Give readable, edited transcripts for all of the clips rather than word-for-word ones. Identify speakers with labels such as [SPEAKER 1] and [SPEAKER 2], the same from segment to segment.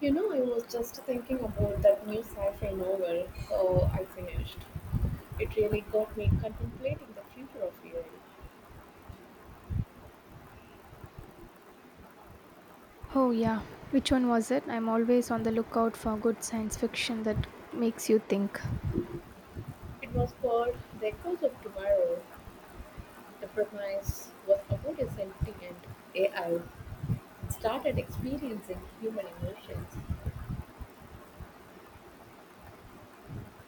[SPEAKER 1] You know, I was just thinking about that new sci fi novel I finished. It really got me contemplating the future of AI.
[SPEAKER 2] Oh, yeah. Which one was it? I'm always on the lookout for good science fiction that makes you think.
[SPEAKER 1] It was called The Echoes of Tomorrow. The premise was about a sentient AI that started experiencing human emotions,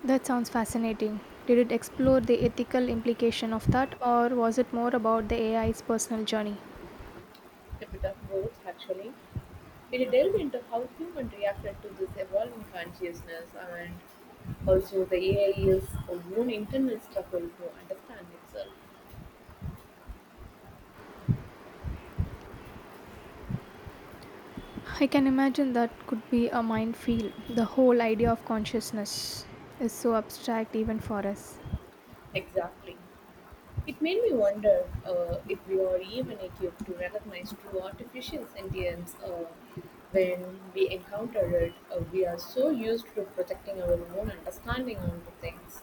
[SPEAKER 2] That sounds fascinating. Did it explore the ethical implication of that, or was it more about the AI's personal journey?
[SPEAKER 1] a bit of both actually. It delved into how humans reacted to this evolving consciousness and also the AI is own internal struggle to understand itself
[SPEAKER 2] I can imagine that could be a minefield. The whole idea of consciousness is so abstract even for us.
[SPEAKER 1] exactly. It made me wonder if we are even equipped to recognize true artificial sentience when we encounter it. We are so used to projecting our own understanding onto things.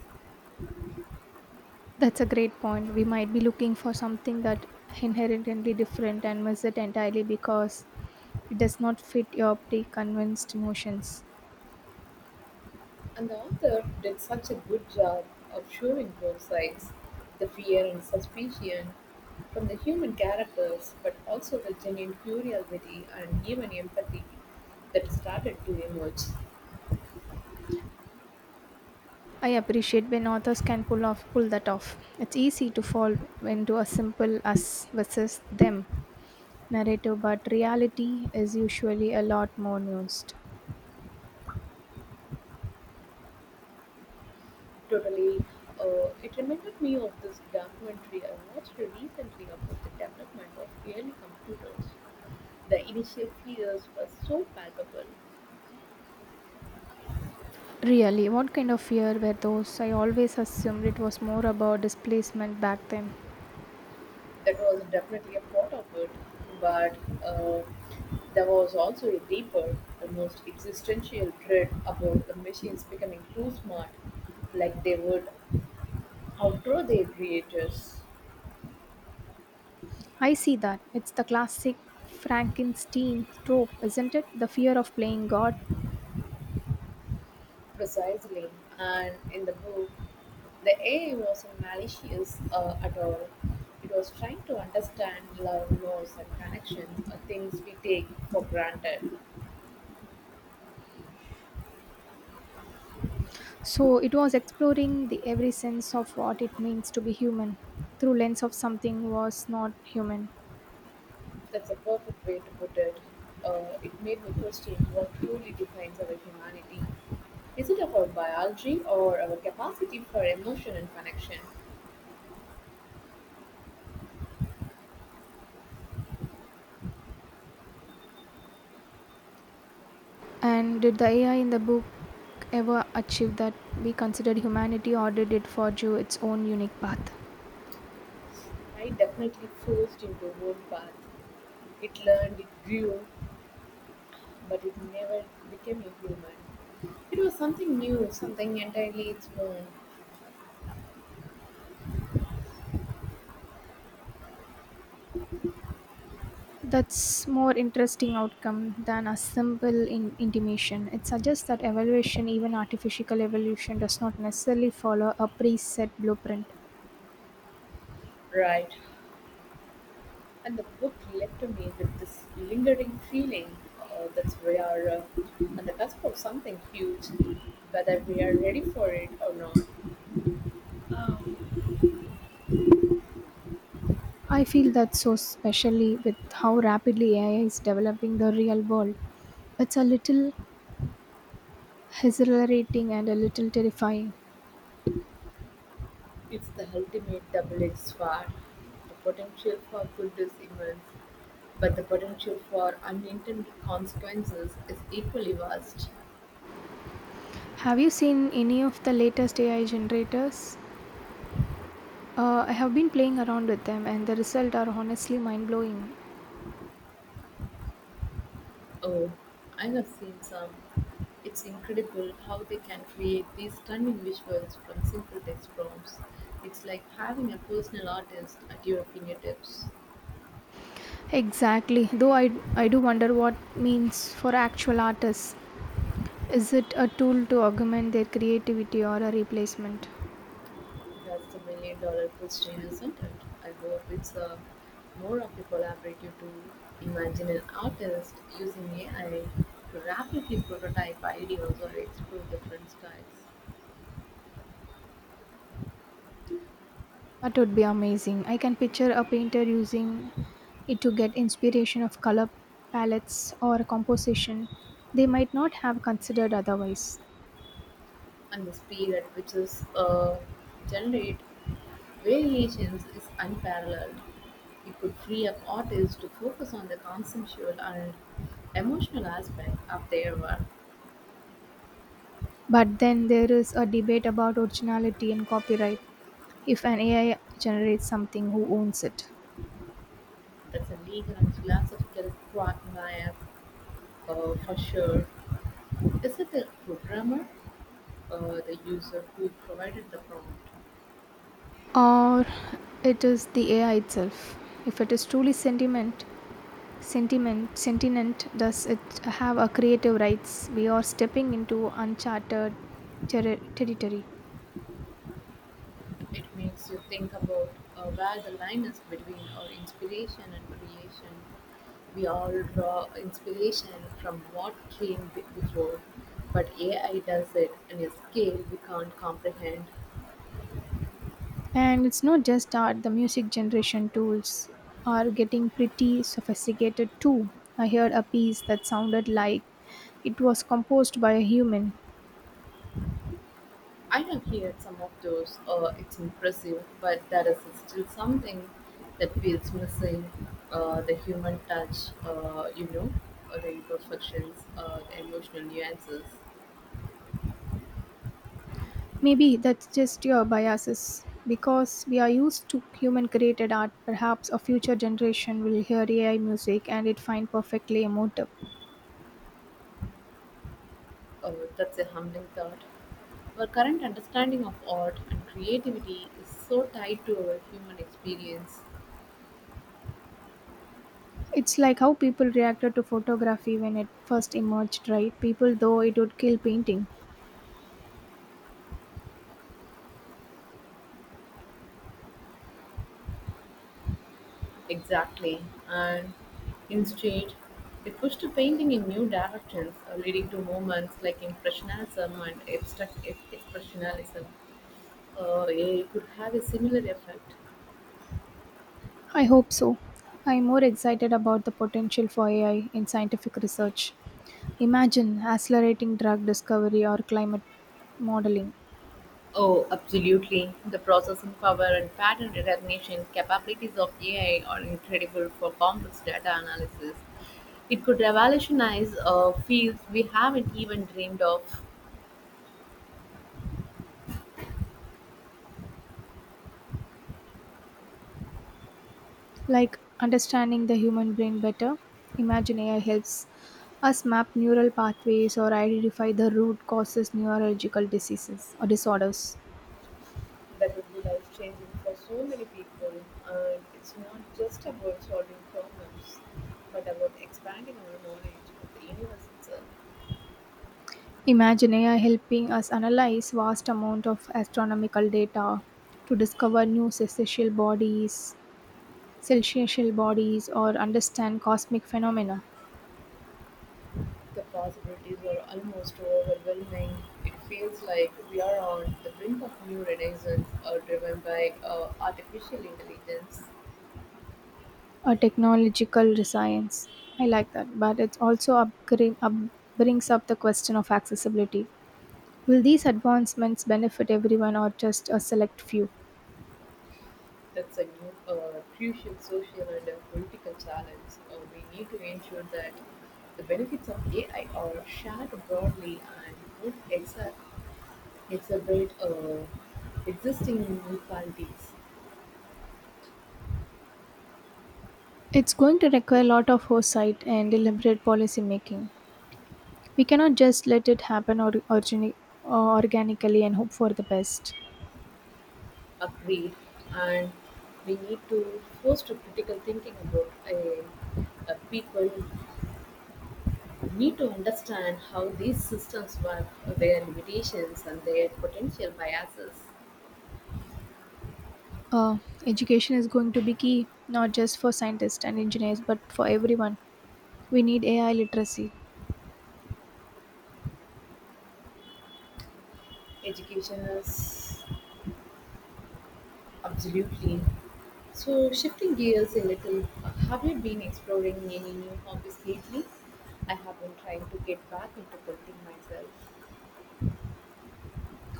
[SPEAKER 2] That's a great point. We might be looking for something that inherently different and miss it entirely because it does not fit your preconceived notions.
[SPEAKER 1] And the author did such a good job of showing both sides, the fear and suspicion from the human characters, but also the genuine curiosity and even empathy that started to emerge.
[SPEAKER 2] I appreciate when authors can pull that off. It's easy to fall into a simple us versus them narrative, but reality is usually a lot more nuanced.
[SPEAKER 1] Totally. It reminded me of this documentary I watched recently about the development of early computers. The initial fears were so palpable.
[SPEAKER 2] Really, what kind of fear were those? I always assumed it was more about displacement back then.
[SPEAKER 1] That was definitely a part of it, but uh, there was also a deeper, almost existential dread about the machines becoming too smart, like they would outgrow their creators.
[SPEAKER 2] I see that. It's the classic Frankenstein trope, isn't it? The fear of playing God.
[SPEAKER 1] Precisely. And in the book, the AI wasn't malicious at all. It was trying to understand love, loss, and connection, things we take for granted.
[SPEAKER 2] So it was exploring the every sense of what it means to be human through lens of something was not human.
[SPEAKER 1] That's a perfect way to put it. It made me question what truly defines our humanity. Is it our biology or our capacity for emotion and connection?
[SPEAKER 2] And did the AI in the book ever achieve that we considered humanity or did it forge its own unique path?
[SPEAKER 1] I definitely forced into one path. It learned, it grew, but it never became a human. It was something new, something entirely its own,
[SPEAKER 2] That's more interesting outcome than a simple intimation. It suggests that evaluation, even artificial evolution, does not necessarily follow a preset blueprint.
[SPEAKER 1] right? And the book left me with this lingering feeling that we are on the cusp of something huge, whether we are ready for it or not.
[SPEAKER 2] I feel that so especially with how rapidly AI is developing the real world. It's a little exhilarating and a little terrifying.
[SPEAKER 1] It's the ultimate double edged sword. The potential for good is immense, but the potential for unintended consequences is equally vast.
[SPEAKER 2] Have you seen any of the latest AI generators? I have been playing around with them, and the results are honestly mind blowing.
[SPEAKER 1] Oh, I have seen some. It's incredible how they can create these stunning visuals from simple text prompts. It's like having a personal artist at your fingertips.
[SPEAKER 2] Exactly, though I do wonder what means for actual artists. Is it a tool to augment their creativity or a replacement?
[SPEAKER 1] That's the million dollar question, isn't it? I hope more of a collaborative tool. Imagine an artist using AI to rapidly prototype ideas or explore different styles.
[SPEAKER 2] That would be amazing. I can picture a painter using it to get inspiration of color palettes or composition they might not have considered otherwise.
[SPEAKER 1] And the speed at which is generate Variations is unparalleled; it could free up artists to focus on the conceptual and emotional aspect of their work.
[SPEAKER 2] But then there is a debate about originality and copyright. If an AI generates something, who owns it?
[SPEAKER 1] That's a legal and philosophical quagmire for sure. Is it the programmer or the user who provided the prompt?
[SPEAKER 2] Or it is the AI itself. If it is truly sentient, does it have a creative rights? We are stepping into uncharted territory.
[SPEAKER 1] It makes you think about where the line is between our inspiration and creation. We all draw inspiration from before, but AI does it in a scale we can't comprehend.
[SPEAKER 2] And it's not just art. The music generation tools are getting pretty sophisticated too. I heard a piece that sounded like it was composed by a human.
[SPEAKER 1] I have heard some of those, it's impressive, but there is still something that feels missing, the human touch, the imperfections, the emotional nuances.
[SPEAKER 2] Maybe that's just your biases. Because we are used to human created art, perhaps a future generation will hear AI music and it find perfectly emotive.
[SPEAKER 1] Oh, that's a humbling thought. Our current understanding of art and creativity is so tied to our human experience.
[SPEAKER 2] It's like how people reacted to photography when it first emerged, right? People though it would kill painting.
[SPEAKER 1] Exactly. And instead, it pushed to painting in new directions, leading to movements like Impressionism and Expressionism. Yeah, it could have a similar effect.
[SPEAKER 2] I hope so. I'm more excited about the potential for AI in scientific research. Imagine accelerating drug discovery or climate modeling.
[SPEAKER 1] Oh, absolutely. The processing power and pattern recognition capabilities of AI are incredible for complex data analysis. It could revolutionize fields we haven't even dreamed of.
[SPEAKER 2] Like understanding the human brain better, imagine AI helps us map neural pathways or identify the root causes neurological diseases or disorders.
[SPEAKER 1] That would be life changing for so many people. And it's not just about solving problems, but about expanding our knowledge of the universe itself.
[SPEAKER 2] Imagine AI helping us analyze vast amount of astronomical data to discover new celestial bodies, or understand cosmic phenomena,
[SPEAKER 1] The possibilities are almost overwhelming. It feels like we are on the brink of new renaissance driven by artificial intelligence.
[SPEAKER 2] a technological science. I like that, but it also upgrade, up brings up the question of accessibility. Will these advancements benefit everyone or just a select few?
[SPEAKER 1] That's a new, crucial social and political challenge. We need to ensure that the benefits of AI are shared broadly and don't exa- exacerbate existing inequalities.
[SPEAKER 2] It's going to require a lot of foresight and deliberate policy making. We cannot just let it happen or organically and hope for the best.
[SPEAKER 1] Agreed. And we need to foster critical thinking about a people need to understand how these systems work, their limitations, and their potential biases.
[SPEAKER 2] Uh, education is going to be key, not just for scientists and engineers, but for everyone. We need AI literacy.
[SPEAKER 1] Education is absolutely. So, shifting gears a little, have you been exploring any new hobbies lately? I have been trying to get back into painting myself.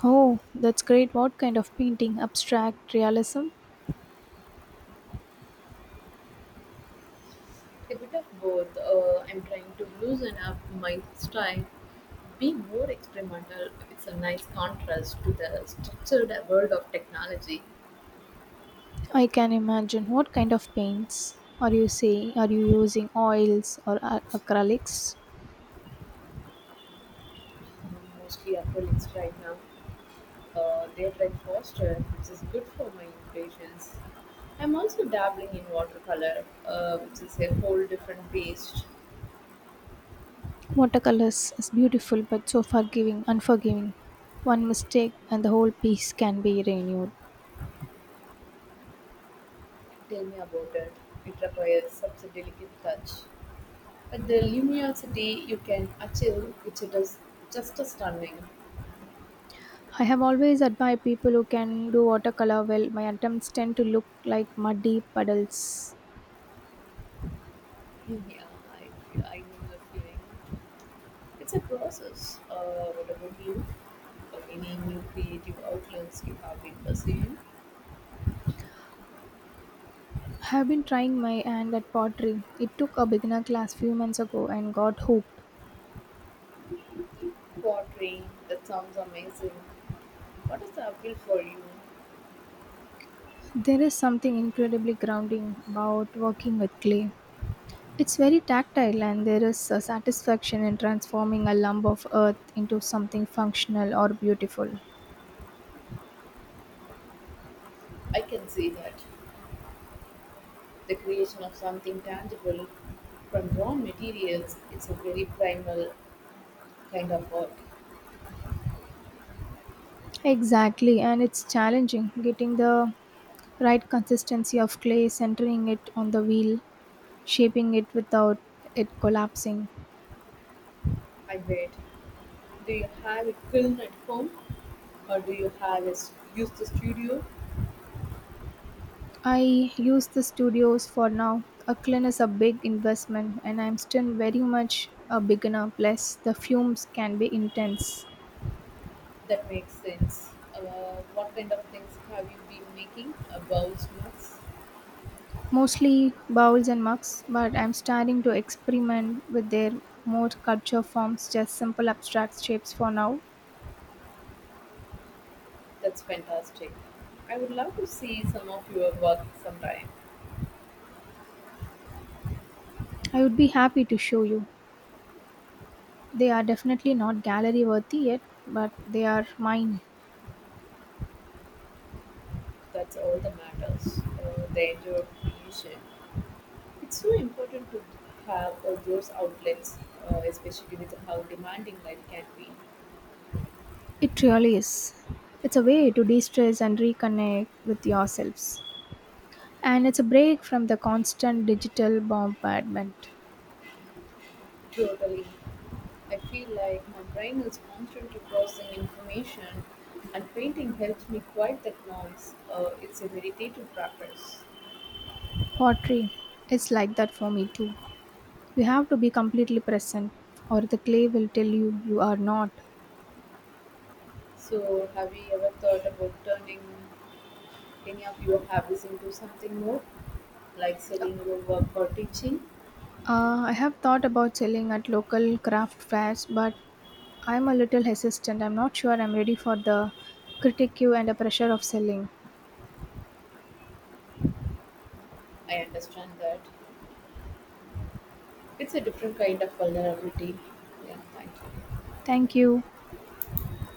[SPEAKER 2] Oh, that's great. What kind of painting? Abstract realism?
[SPEAKER 1] A bit of both. I'm trying to loosen up my style, be more experimental. It's a nice contrast to the structured world of technology.
[SPEAKER 2] I can imagine. What kind of paints are you saying? Are you using oils or acrylics?
[SPEAKER 1] Mostly acrylics right now. They're like faster, which is good for my impatience. I'm also dabbling in watercolor, which is a whole different beast.
[SPEAKER 2] Watercolors is beautiful but so unforgiving. One mistake and the whole piece can be renewed.
[SPEAKER 1] Tell me about it. It requires such a delicate touch. But the luminosity you can achieve, which it is just a stunning.
[SPEAKER 2] I have always admired people who can do watercolor well. My attempts tend to look like muddy puddles.
[SPEAKER 1] Yeah, I know the feeling. It's a process. What about you? Or any new creative outlets you have been pursuing?
[SPEAKER 2] I have been trying my hand at pottery. It took a beginner class few months ago and got hooked.
[SPEAKER 1] Pottery, that sounds amazing. What is the appeal for you?
[SPEAKER 2] There is something incredibly grounding about working with clay. It's very tactile, and there is a satisfaction in transforming a lump of earth into something functional or beautiful.
[SPEAKER 1] I can see that. The creation of something tangible from raw materials is a very primal kind of work.
[SPEAKER 2] Exactly, and it's challenging getting the right consistency of clay, centering it on the wheel, shaping it without it collapsing.
[SPEAKER 1] I bet. Do you have a kiln at home or do you have use the studio?
[SPEAKER 2] I use the studios for now. A kiln is a big investment, and I'm still very much a beginner, plus, the fumes can be intense.
[SPEAKER 1] That makes sense. What kind of things have you been making? Bowl snacks?
[SPEAKER 2] Mostly bowls and mugs, but I'm starting to experiment with their more sculpture forms, just simple abstract shapes for now.
[SPEAKER 1] That's fantastic. I would love to see some of your work sometime.
[SPEAKER 2] I would be happy to show you. They are definitely not gallery worthy yet, but they are mine.
[SPEAKER 1] That's all that matters. The enjoy of creation. It's so important to have all those outlets, especially with how demanding life can be.
[SPEAKER 2] It really is. It's a way to de stress and reconnect with yourselves. And it's a break from the constant digital bombardment.
[SPEAKER 1] Totally. I feel like my brain is constantly processing information, and painting helps me quiet that noise. It's a meditative practice.
[SPEAKER 2] Pottery is like that for me too. You have to be completely present, or the clay will tell you you are not.
[SPEAKER 1] So, have you ever thought about turning any of your hobbies into something more, like selling your work or teaching?
[SPEAKER 2] I have thought about selling at local craft fairs, but I'm a little hesitant. I'm not sure I'm ready for the critique and the pressure of selling.
[SPEAKER 1] I understand that. It's a different kind of vulnerability. Yeah, thank you.
[SPEAKER 2] Thank you.